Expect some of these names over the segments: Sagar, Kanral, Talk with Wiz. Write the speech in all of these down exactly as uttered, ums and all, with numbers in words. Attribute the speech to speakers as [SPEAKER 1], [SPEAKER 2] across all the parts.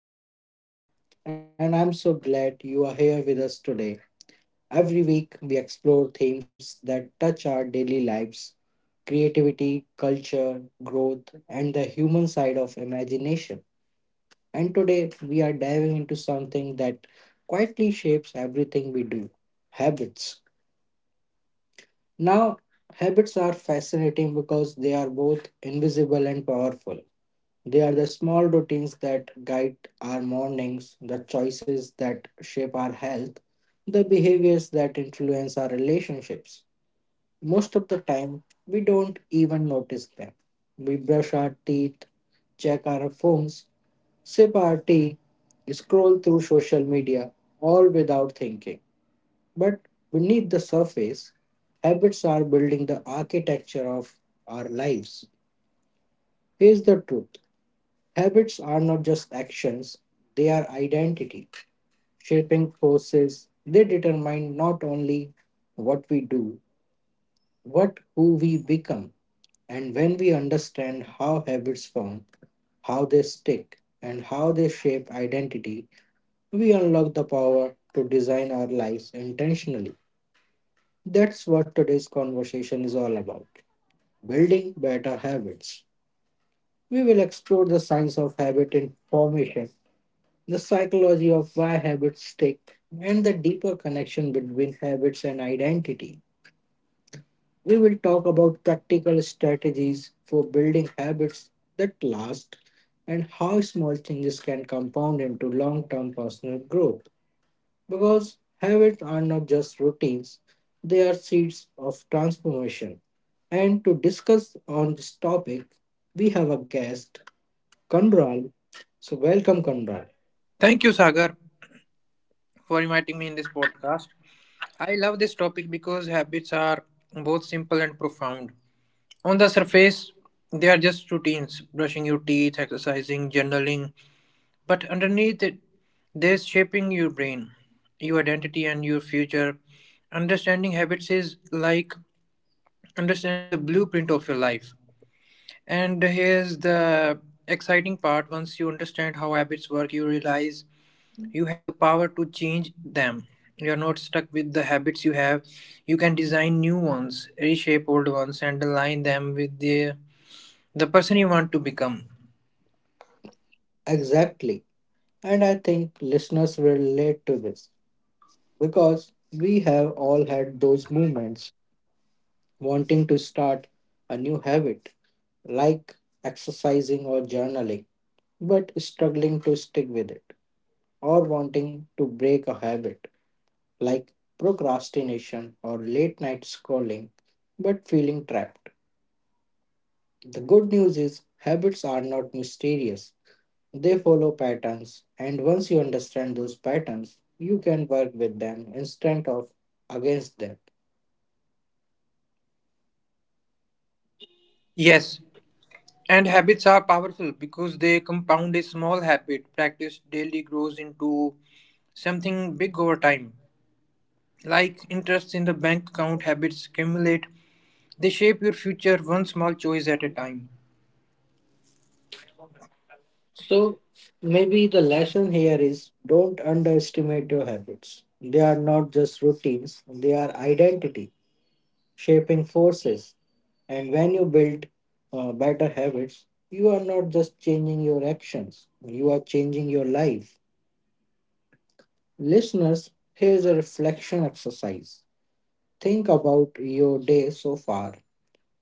[SPEAKER 1] Your host Sagar, and I'm so glad you are here with us today. Every week we explore themes that touch our daily lives: creativity, culture, growth, and the human side of imagination. And today we are diving into something that quietly shapes everything we do: habits. Now, habits are fascinating because they are both invisible and powerful. They are the small routines that guide our mornings, the choices that shape our health, the behaviors that influence our relationships. Most of the time, we don't even notice them. We brush our teeth, check our phones, sip our tea, scroll through social media, all without thinking. But beneath the surface, habits are building the architecture of our lives. Here's the truth: habits are not just actions, they are identity shaping forces. They determine not only what we do, but who we become. And when we understand how habits form, how they stick, and how they shape identity, we unlock the power to design our lives intentionally. That's what today's conversation is all about: building better habits. We will explore the science of habit information, the psychology of why habits stick, and the deeper connection between habits and identity. We will talk about practical strategies for building habits that last, and how small changes can compound into long term personal growth. Because habits are not just routines, they are seeds of transformation. And to discuss on this topic, we have a guest, Kanral. So, welcome, Kanral.
[SPEAKER 2] Thank you, Sagar, for inviting me in this podcast. I love this topic because habits are both simple and profound. On the surface, they are just routines brushing your teeth, exercising, journaling. But underneath it, they're shaping your brain, your identity, and your future. Understanding habits is like understanding the blueprint of your life. And here's the exciting part once you understand how habits work, you realize you have the power to change them. You are not stuck with the habits you have. You can design new ones, reshape old ones, and align them with the, the person you want to become.
[SPEAKER 1] Exactly. And I think listeners will relate to this because we have all had those moments wanting to start a new habit, like exercising or journaling, but struggling to stick with it, or wanting to break a habit like procrastination or late night scrolling, but feeling trapped. The good news is, habits are not mysterious. They follow patterns, and once you understand those patterns, you can work with them instead of against them.
[SPEAKER 2] Yes, and habits are powerful because they compound a small habit practiced daily grows into something big over time. Like interests in the bank account, habits accumulate. They shape your future one small choice at a time.
[SPEAKER 1] So, maybe the lesson here is, don't underestimate your habits. They are not just routines, they are identity, shaping forces. And when you build uh, better habits, you are not just changing your actions, you are changing your life. Listeners, here's a reflection exercise. Think about your day so far.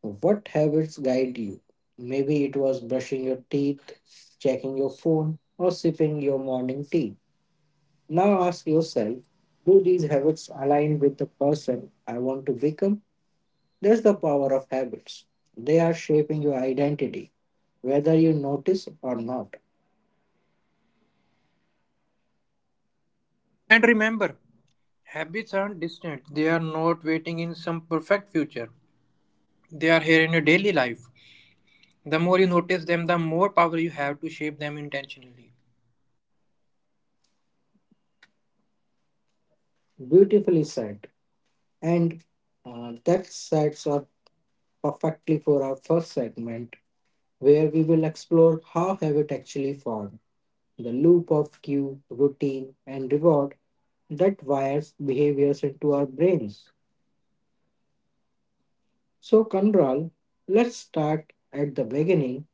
[SPEAKER 1] What habits guide you? Maybe it was brushing your teeth, checking your phone, or sipping your morning tea. Now ask yourself, do these habits align with the person I want to become? That's the power of habits. They are shaping your identity, whether you notice or not.
[SPEAKER 2] And remember, habits aren't distant, they are not waiting in some perfect future. They are here in your daily life. The more you notice them, the more power you have to shape them intentionally.
[SPEAKER 1] Beautifully said. And uh, that sets up perfectly for our first segment, where we will explore how habit actually forms, the loop of cue, routine, and reward that wires behaviors into our brains. So, Kanral, let's start at the beginning.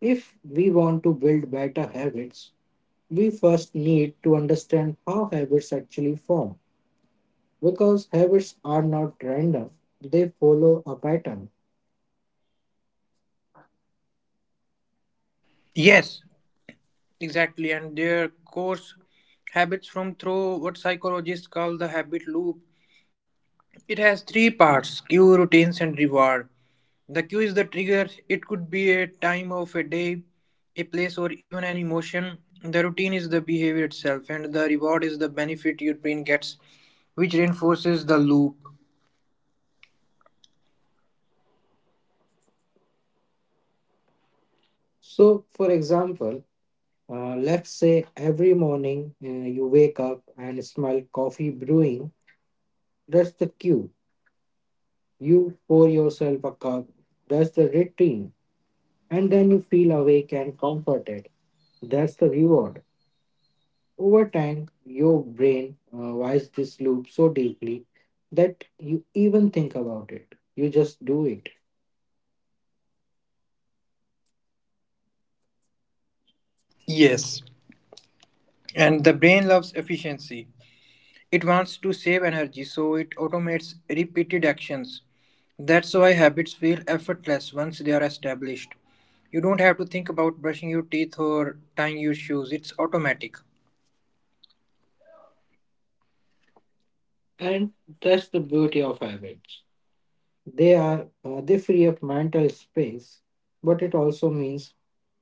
[SPEAKER 1] If we want to build better habits, we first need to understand how habits actually form, because habits are not random, they follow a pattern.
[SPEAKER 2] Yes, exactly. And their course habits from through what psychologists call the habit loop. It has three parts cue, routines, and reward. The cue is the trigger, it could be a time of a day, a place, or even an emotion. The routine is the behavior itself, and the reward is the benefit your brain gets, which reinforces the loop.
[SPEAKER 1] So, for example, uh, let's say every morning uh, you wake up and smell coffee brewing. That's the cue. You pour yourself a cup, that's the routine, and then you feel awake and comforted. That's the reward. Over time, your brain uh, wires this loop so deeply that you even think about it. You just do it.
[SPEAKER 2] Yes, and the brain loves efficiency. It wants to save energy, so it automates repeated actions. That's why habits feel effortless once they are established. You don't have to think about brushing your teeth or tying your shoes, it's automatic.
[SPEAKER 1] And that's the beauty of habits. They are uh, they free up mental space, but it also means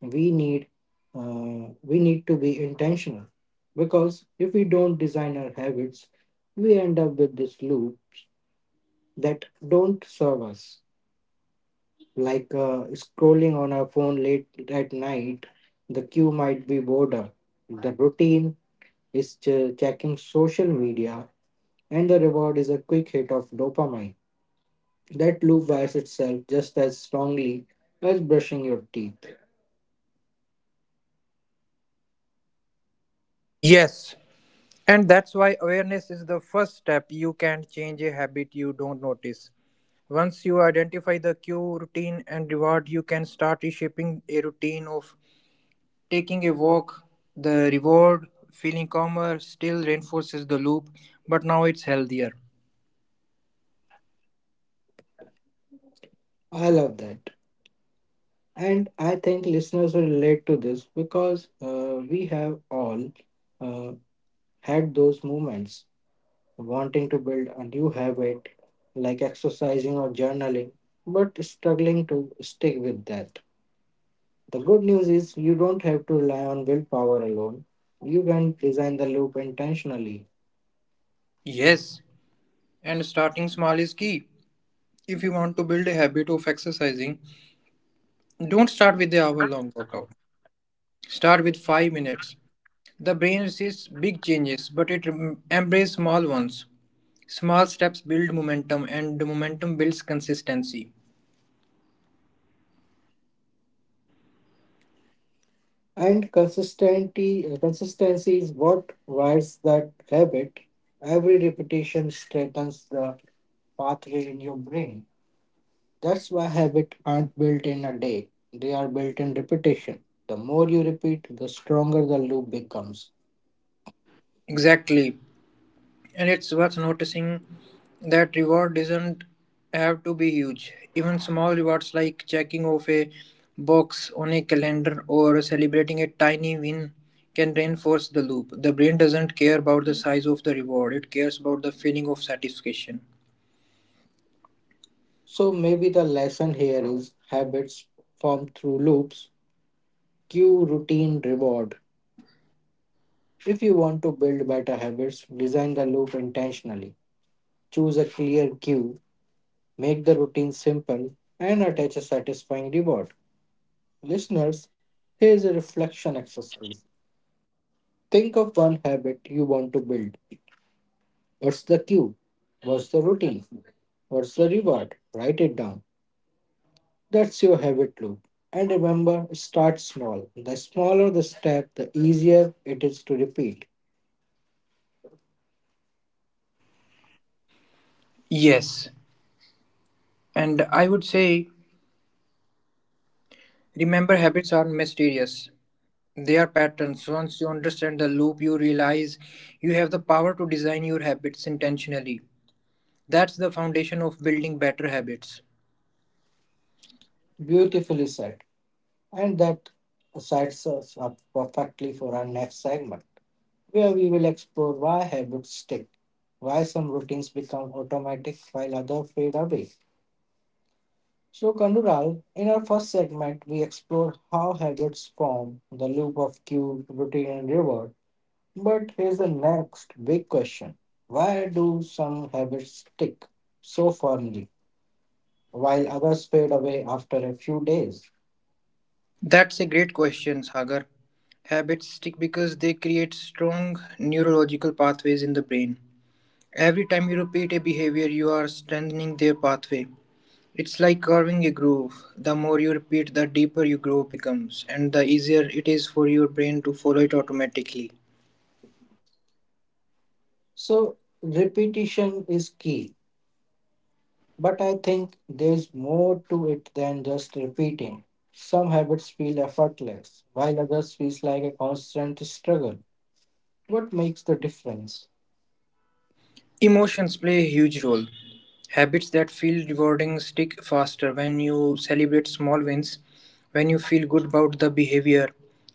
[SPEAKER 1] we need uh, we need to be intentional, because if we don't design our habits, we end up with this loop that don't serve us, like uh, scrolling on our phone late at night. The cue might be boredom. The routine is ch- checking social media, and the reward is a quick hit of dopamine. That loop wires itself just as strongly as brushing your teeth.
[SPEAKER 2] Yes, and that's why awareness is the first step. You can change a habit you don't notice. Once you identify the cue, routine, and reward, you can start reshaping a routine of taking a walk, the reward, feeling calmer, still reinforces the loop, but now it's healthier.
[SPEAKER 1] I love that. And I think listeners will relate to this because uh, we have all uh, had those moments wanting to build a new habit like exercising or journaling, but struggling to stick with that. The good news is, you don't have to rely on willpower alone. You can design the loop intentionally.
[SPEAKER 2] Yes, and starting small is key. If you want to build a habit of exercising, don't start with the hour long workout. Start with five minutes. The brain resists big changes, but it em- embraces small ones. Small steps build momentum, and the momentum builds consistency.
[SPEAKER 1] And consistency, consistency is what wires that habit. Every repetition strengthens the pathway in your brain. That's why habits aren't built in a day. They are built in repetition. The more you repeat, the stronger the loop becomes.
[SPEAKER 2] Exactly. And it's worth noticing that reward doesn't have to be huge. Even small rewards like checking off a box on a calendar or celebrating a tiny win can reinforce the loop. The brain doesn't care about the size of the reward, it cares about the feeling of satisfaction.
[SPEAKER 1] So maybe the lesson here is, habits form through loops: cue, routine, reward. If you want to build better habits, design the loop intentionally. Choose a clear cue, make the routine simple, and attach a satisfying reward. Listeners, here is a reflection exercise. Think of one habit you want to build. What's the cue? What's the routine? What's the reward? Write it down. That's your habit loop. And remember, start small. The smaller the step, the easier it is to repeat.
[SPEAKER 2] Yes, and I would say remember habits are mysterious. They are patterns. Once you understand the loop, you realize you have the power to design your habits intentionally. That's the foundation of building better habits.
[SPEAKER 1] Beautifully said. And that sets us up perfectly for our next segment, where we will explore why habits stick, why some routines become automatic while others fade away. So, Kandural, in our first segment, we explored how habits form, the loop of cue, routine, and reward. But here's the next big question: why do some habits stick so firmly while others fade away after a few days?
[SPEAKER 2] That's a great question, Sagar. Habits stick because they create strong neurological pathways in the brain. Every time you repeat a behavior, you are strengthening their pathway. It's like carving a groove. The more you repeat, the deeper your groove becomes, and the easier it is for your brain to follow it automatically.
[SPEAKER 1] So, repetition is key, but I think there's more to it than just repeating. Some habits feel effortless, while others feels like a constant struggle. What makes the difference?
[SPEAKER 2] Emotions play a huge role. Habits that feel rewarding stick faster when you celebrate small wins, when you feel good about the behavior.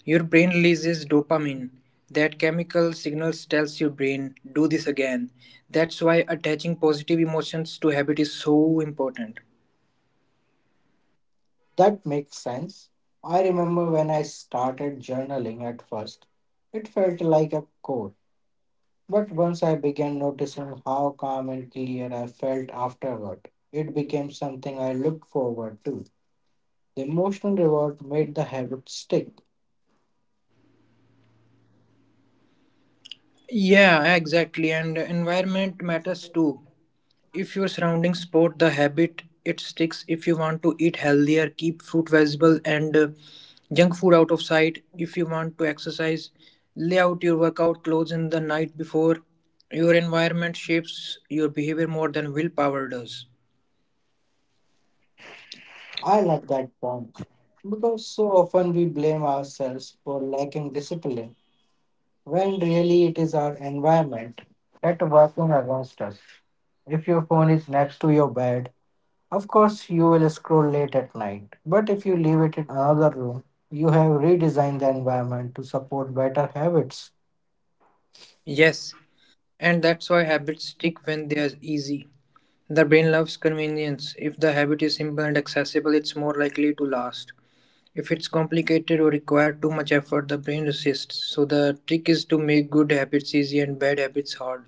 [SPEAKER 2] Your brain releases dopamine. That chemical signals tells your brain, do this again. That's why attaching positive emotions to habit is so important.
[SPEAKER 1] That makes sense. I remember when I started journaling, at first it felt like a chore. But once I began noticing how calm and clear I felt afterward, it became something I looked forward to. The emotional reward made the habit stick.
[SPEAKER 2] Yeah, exactly. And environment matters too. If your surroundings support the habit, it sticks. If you want to eat healthier, keep fruit, vegetable, and uh, junk food out of sight. If you want to exercise, lay out your workout clothes in the night before. Your environment shapes your behavior more than willpower does.
[SPEAKER 1] I love that point. Because so often we blame ourselves for lacking discipline, when really it is our environment that working against us. If your phone is next to your bed, of course, you will scroll late at night, but if you leave it in another room, you have redesigned the environment to support better habits.
[SPEAKER 2] Yes, and that's why habits stick when they are easy. The brain loves convenience. If the habit is simple and accessible, it's more likely to last. If it's complicated or require too much effort, the brain resists. So the trick is to make good habits easy and bad habits hard.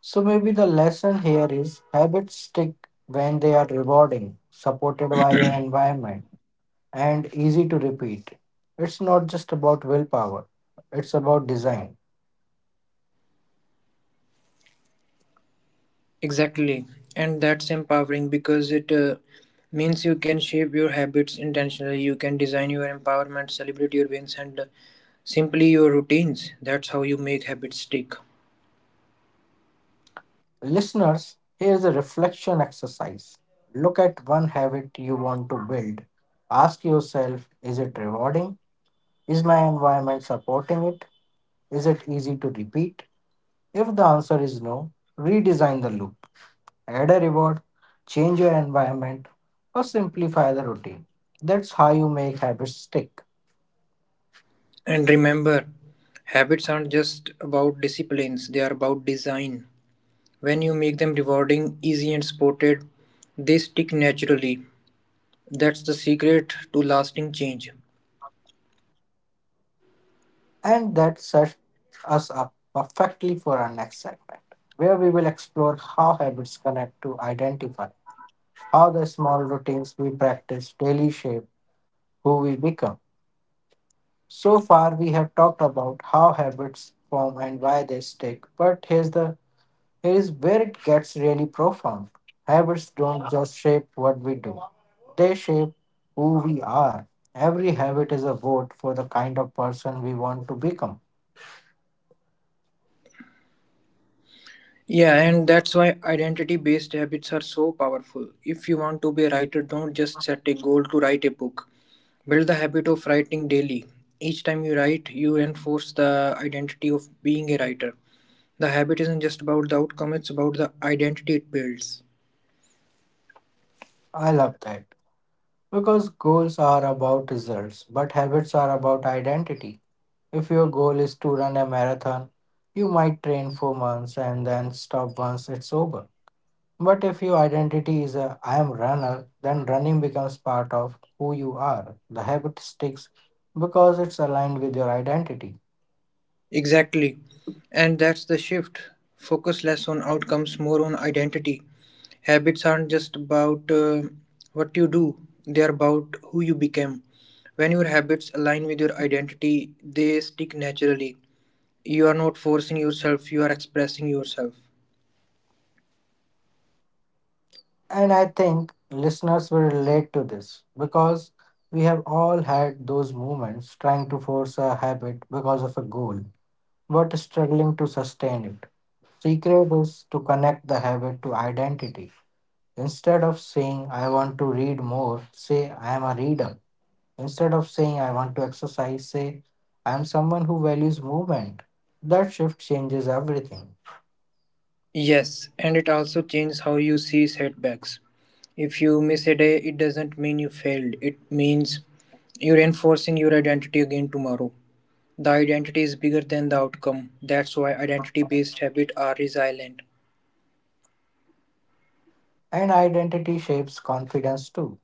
[SPEAKER 1] So maybe the lesson here is, habits stick when they are rewarding, supported by your environment, and easy to repeat. It's not just about willpower, it's about design.
[SPEAKER 2] Exactly. And that's empowering because it uh, means you can shape your habits intentionally. You can design your empowerment, celebrate your wins, and uh, simply your routines. That's how you make habits stick.
[SPEAKER 1] Listeners, here's a reflection exercise. Look at one habit you want to build. Ask yourself, is it rewarding? Is my environment supporting it? Is it easy to repeat? If the answer is no, redesign the loop, add a reward, change your environment, or simplify the routine. That's how you make habits stick.
[SPEAKER 2] And remember, habits aren't just about disciplines, they are about design. When you make them rewarding, easy, and supported, they stick naturally. That's the secret to lasting change.
[SPEAKER 1] And that sets us up perfectly for our next segment, where we will explore how habits connect to identify, how the small routines we practice daily shape who we become. So far, we have talked about how habits form and why they stick, but here's the here is where it gets really profound. Habits don't just shape what we do, they shape who we are. Every habit is a vote for the kind of person we want to become.
[SPEAKER 2] Yeah, and that's why identity based habits are so powerful. If you want to be a writer, don't just set a goal to write a book. Build the habit of writing daily. Each time you write, you reinforce the identity of being a writer. The habit isn't just about the outcome, it's about the identity it builds.
[SPEAKER 1] I love that. Because goals are about results, but habits are about identity. If your goal is to run a marathon, you might train for months and then stop once it's over. But if your identity is a I am runner, then running becomes part of who you are. The habit sticks because it's aligned with your identity.
[SPEAKER 2] Exactly. And that's the shift. Focus less on outcomes, more on identity. Habits aren't just about uh, what you do, they are about who you become. When your habits align with your identity, they stick naturally. You are not forcing yourself, you are expressing yourself.
[SPEAKER 1] And I think listeners will relate to this because we have all had those moments trying to force a habit because of a goal, but struggling to sustain it. Secret is to connect the habit to identity. Instead of saying I want to read more, say I am a reader. Instead of saying I want to exercise, say I am someone who values movement. That shift changes everything.
[SPEAKER 2] Yes, and it also changes how you see setbacks. If you miss a day, it doesn't mean you failed, it means you're enforcing your identity again tomorrow. The identity is bigger than the outcome. That's why identity based habits are resilient.
[SPEAKER 1] And identity shapes confidence too.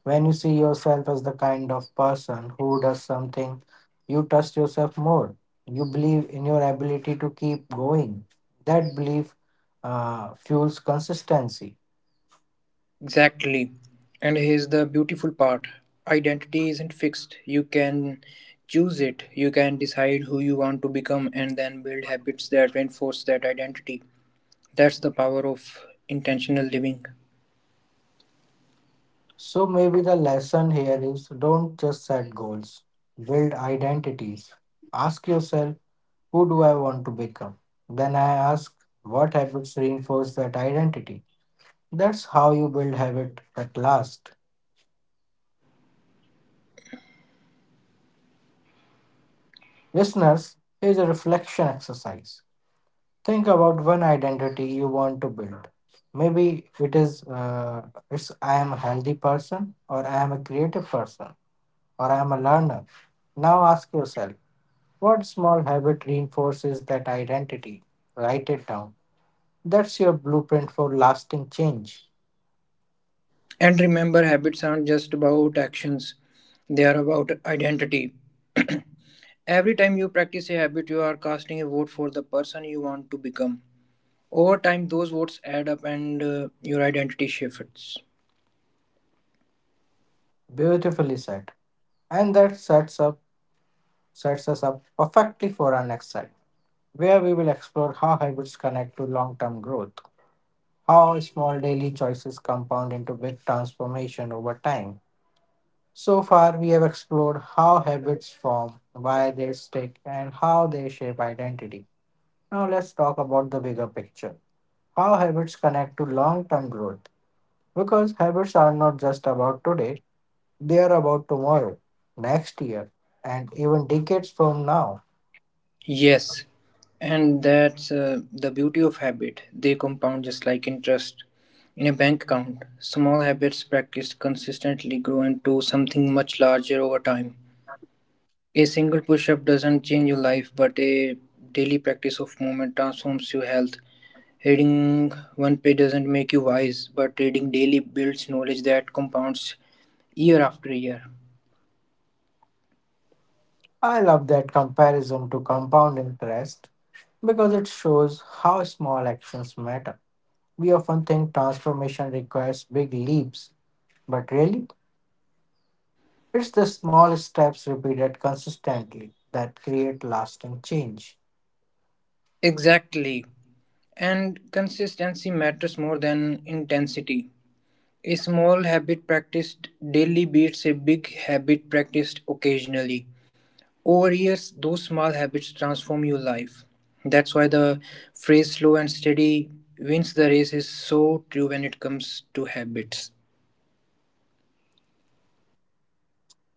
[SPEAKER 1] When you see yourself as the kind of person who does something, you trust yourself more. You believe in your ability to keep going. That belief uh, fuels consistency.
[SPEAKER 2] Exactly. And here's the beautiful part identity isn't fixed. You can choose it, you can decide who you want to become, and then build habits that reinforce that identity. That's the power of intentional living.
[SPEAKER 1] So maybe the lesson here is, don't just set goals, build identities. Ask yourself, who do I want to become? Then I ask, what habits reinforce that identity? That's how you build habit that last. Listeners, here's a reflection exercise. Think about one identity you want to build. Maybe it is uh, it's I am a healthy person, or I am a creative person, or I am a learner. Now ask yourself, what small habit reinforces that identity? Write it down. That's your blueprint for lasting change.
[SPEAKER 2] And remember, habits aren't just about actions, they are about identity. Every time you practice a habit, you are casting a vote for the person you want to become. Over time, those votes add up and uh, your identity shifts.
[SPEAKER 1] Beautifully said. And that sets up sets us up perfectly for our next segment, where we will explore how habits connect to long-term growth, how small daily choices compound into big transformation over time. So far, we have explored how habits form, why they stick, and how they shape identity. Now, let's talk about the bigger picture: how habits connect to long term growth. Because habits are not just about today, they are about tomorrow, next year, and even decades from now.
[SPEAKER 2] Yes, and that's uh, the beauty of habit. They compound just like interest in a bank account. Small habits practiced consistently grow into something much larger over time. A single push up doesn't change your life, but a daily practice of movement transforms your health. Reading one page doesn't make you wise, but reading daily builds knowledge that compounds year after year.
[SPEAKER 1] I love that comparison to compound interest, because it shows how small actions matter. We often think transformation requires big leaps, but really, it's the small steps repeated consistently that create lasting change.
[SPEAKER 2] Exactly. And consistency matters more than intensity. A small habit practiced daily beats a big habit practiced occasionally. Over years, those small habits transform your life. That's why the phrase slow and steady wins the race is so true when it comes to habits.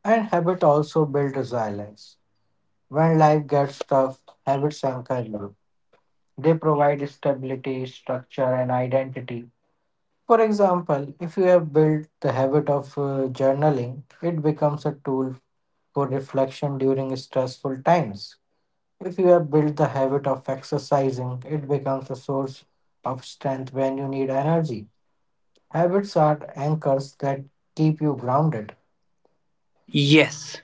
[SPEAKER 1] And habit also build resilience. When life gets tough, habits anchor you. They provide stability, structure, and identity. For example, if you have built the habit of uh, journaling, it becomes a tool for reflection during stressful times. If you have built the habit of exercising, it becomes a source of strength when you need energy. Habits are anchors that keep you grounded.
[SPEAKER 2] Yes.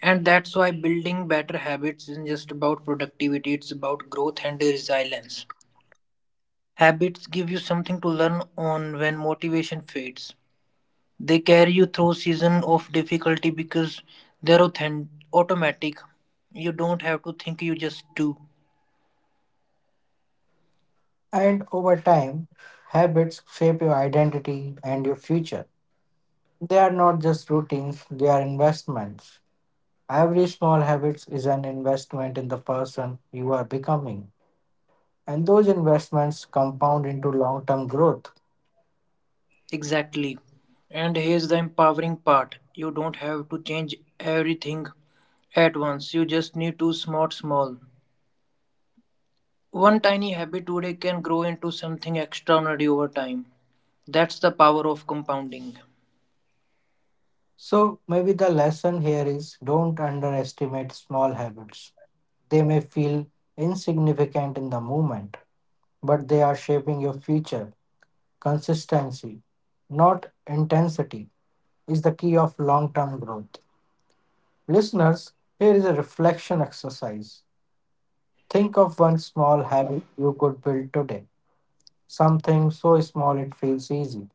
[SPEAKER 2] And that's why building better habits isn't just about productivity, it's about growth and resilience. Habits give you something to learn on when motivation fades. They carry you through season of difficulty because they're authentic, automatic. You don't have to think, you just do.
[SPEAKER 1] And over time, habits shape your identity and your future. They are not just routines, they are investments. Every small habit is an investment in the person you are becoming. And those investments compound into long term growth.
[SPEAKER 2] Exactly. And here's the empowering part. You don't have to change everything at once. You just need to smart small. One tiny habit today can grow into something extraordinary over time. That's the power of compounding.
[SPEAKER 1] So, maybe the lesson here is don't underestimate small habits. They may feel insignificant in the moment, but they are shaping your future, consistency, not intensity, is the key of long term growth. Listeners, here is a reflection exercise. Think of one small habit you could build today. Something so small it feels easy,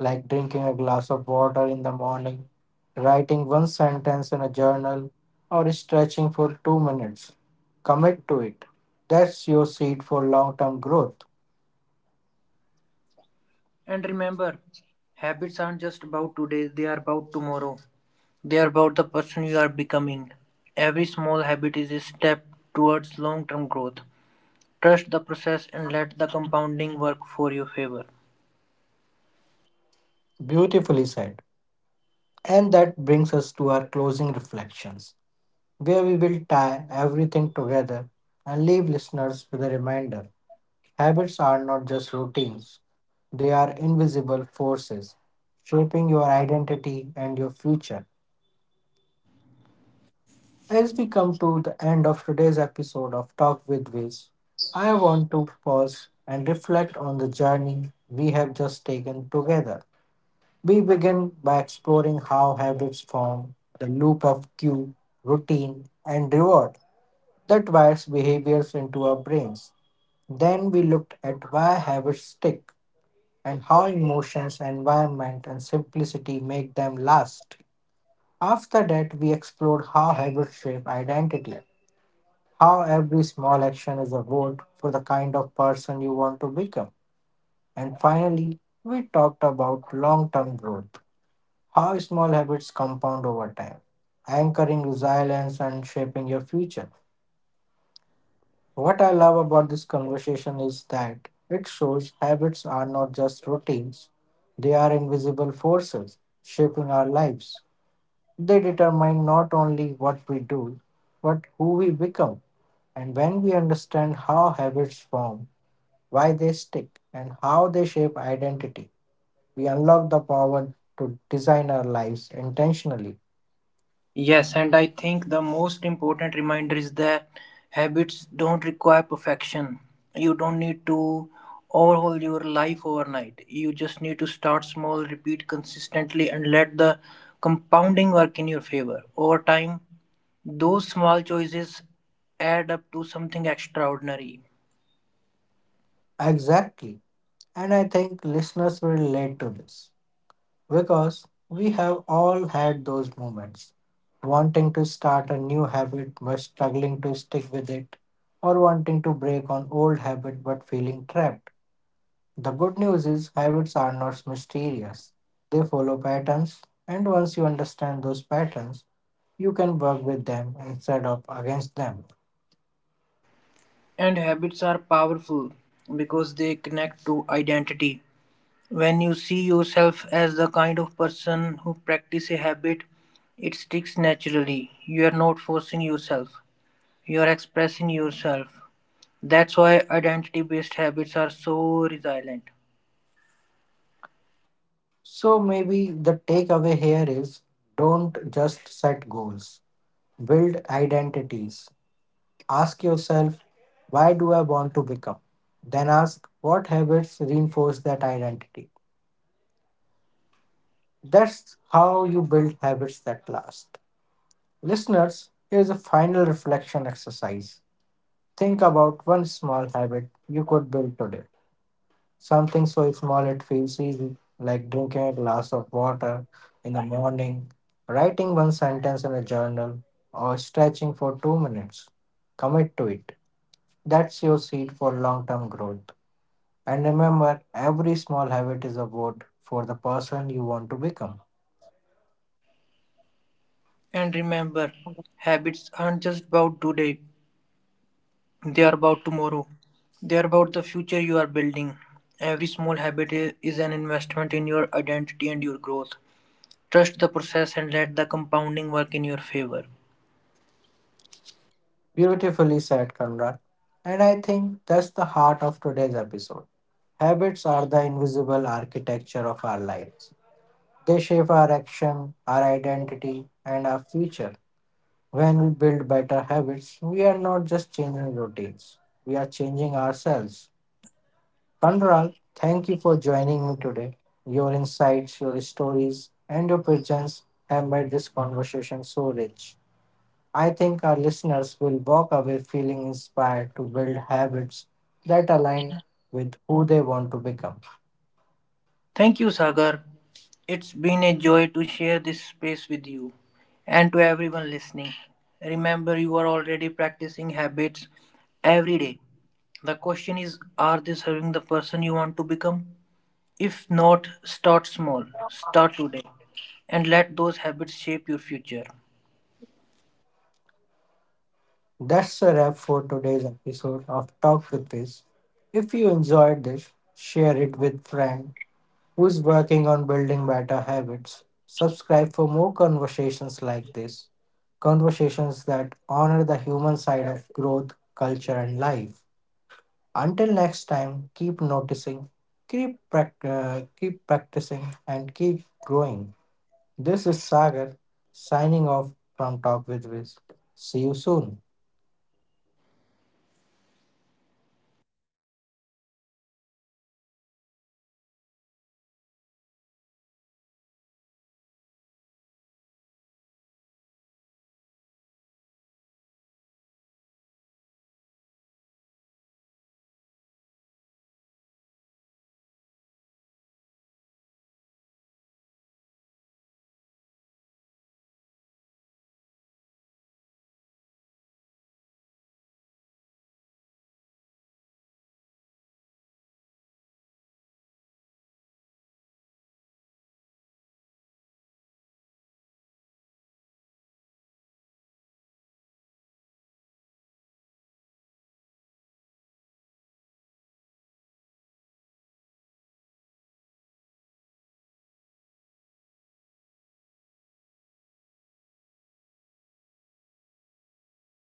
[SPEAKER 1] like drinking a glass of water in the morning, writing one sentence in a journal, or stretching for two minutes. Commit to it. That's your seed for long term growth.
[SPEAKER 2] And remember, habits aren't just about today, they are about tomorrow. They are about the person you are becoming. Every small habit is a step towards long term growth. Trust the process and let the compounding work for your favor.
[SPEAKER 1] Beautifully said. And that brings us to our closing reflections, where we will tie everything together and leave listeners with a reminder. Habits are not just routines, they are invisible forces shaping your identity and your future. As we come to the end of today's episode of Talk with Wiz, I want to pause and reflect on the journey we have just taken together. We begin by exploring how habits form, the loop of cue, routine, and reward, that wires behaviors into our brains. Then we looked at why habits stick and how emotions, environment, and simplicity make them last. After that, we explored how habits shape identity, how every small action is a vote for the kind of person you want to become. And finally, we talked about long term growth, how small habits compound over time, anchoring resilience and shaping your future. What I love about this conversation is that it shows habits are not just routines, they are invisible forces shaping our lives. They determine not only what we do, but who we become. And when we understand how habits form, why they stick, and how they shape identity, we unlock the power to design our lives intentionally.
[SPEAKER 2] Yes, and I think the most important reminder is that habits don't require perfection. You don't need to overhaul your life overnight. You just need to start small, repeat consistently, and let the compounding work in your favor. Over time, those small choices add up to something extraordinary.
[SPEAKER 1] Exactly. And I think listeners will relate to this. Because we have all had those moments, wanting to start a new habit but struggling to stick with it, or wanting to break an old habit but feeling trapped. The good news is habits are not mysterious. They follow patterns, and once you understand those patterns, you can work with them instead of against them.
[SPEAKER 2] And habits are powerful because they connect to identity. When you see yourself as the kind of person who practice a habit, it sticks naturally. You are not forcing yourself. You are expressing yourself. That's why identity-based habits are so resilient.
[SPEAKER 1] So maybe the takeaway here is don't just set goals, build identities. Ask yourself, why do I want to become? Then ask, what habits reinforce that identity? That's how you build habits that last. Listeners, here's a final reflection exercise. Think about one small habit you could build today. Something so small it feels easy, like drinking a glass of water in the morning, writing one sentence in a journal, or stretching for two minutes. Commit to it. That's your seed for long term growth. And remember, every small habit is a vote for the person you want to become.
[SPEAKER 2] And remember, habits aren't just about today, they are about tomorrow. They are about the future you are building. Every small habit i- is an investment in your identity and your growth. Trust the process and let the compounding work in your favor.
[SPEAKER 1] Beautifully said, Conrad. And I think that's the heart of today's episode. Habits are the invisible architecture of our lives. They shape our action, our identity, and our future. When we build better habits, we are not just changing routines, we are changing ourselves. Kanral, thank you for joining me today. Your insights, your stories, and your presence have made this conversation so rich. I think our listeners will walk away feeling inspired to build habits that align with who they want to become.
[SPEAKER 2] Thank you, Sagar. It's been a joy to share this space with you and to everyone listening. Remember, you are already practicing habits every day. The question is are they serving the person you want to become? If not, start small, start today, and let those habits shape your future.
[SPEAKER 1] That's a wrap for today's episode of Talk with This. If you enjoyed this, share it with friends who's working on building better habits. Subscribe for more conversations like this, conversations that honor the human side of growth, culture, and life. Until next time, keep noticing, keep, prac- uh, keep practicing, and keep growing. This is Sagar signing off from Talk with Wiz. See you soon.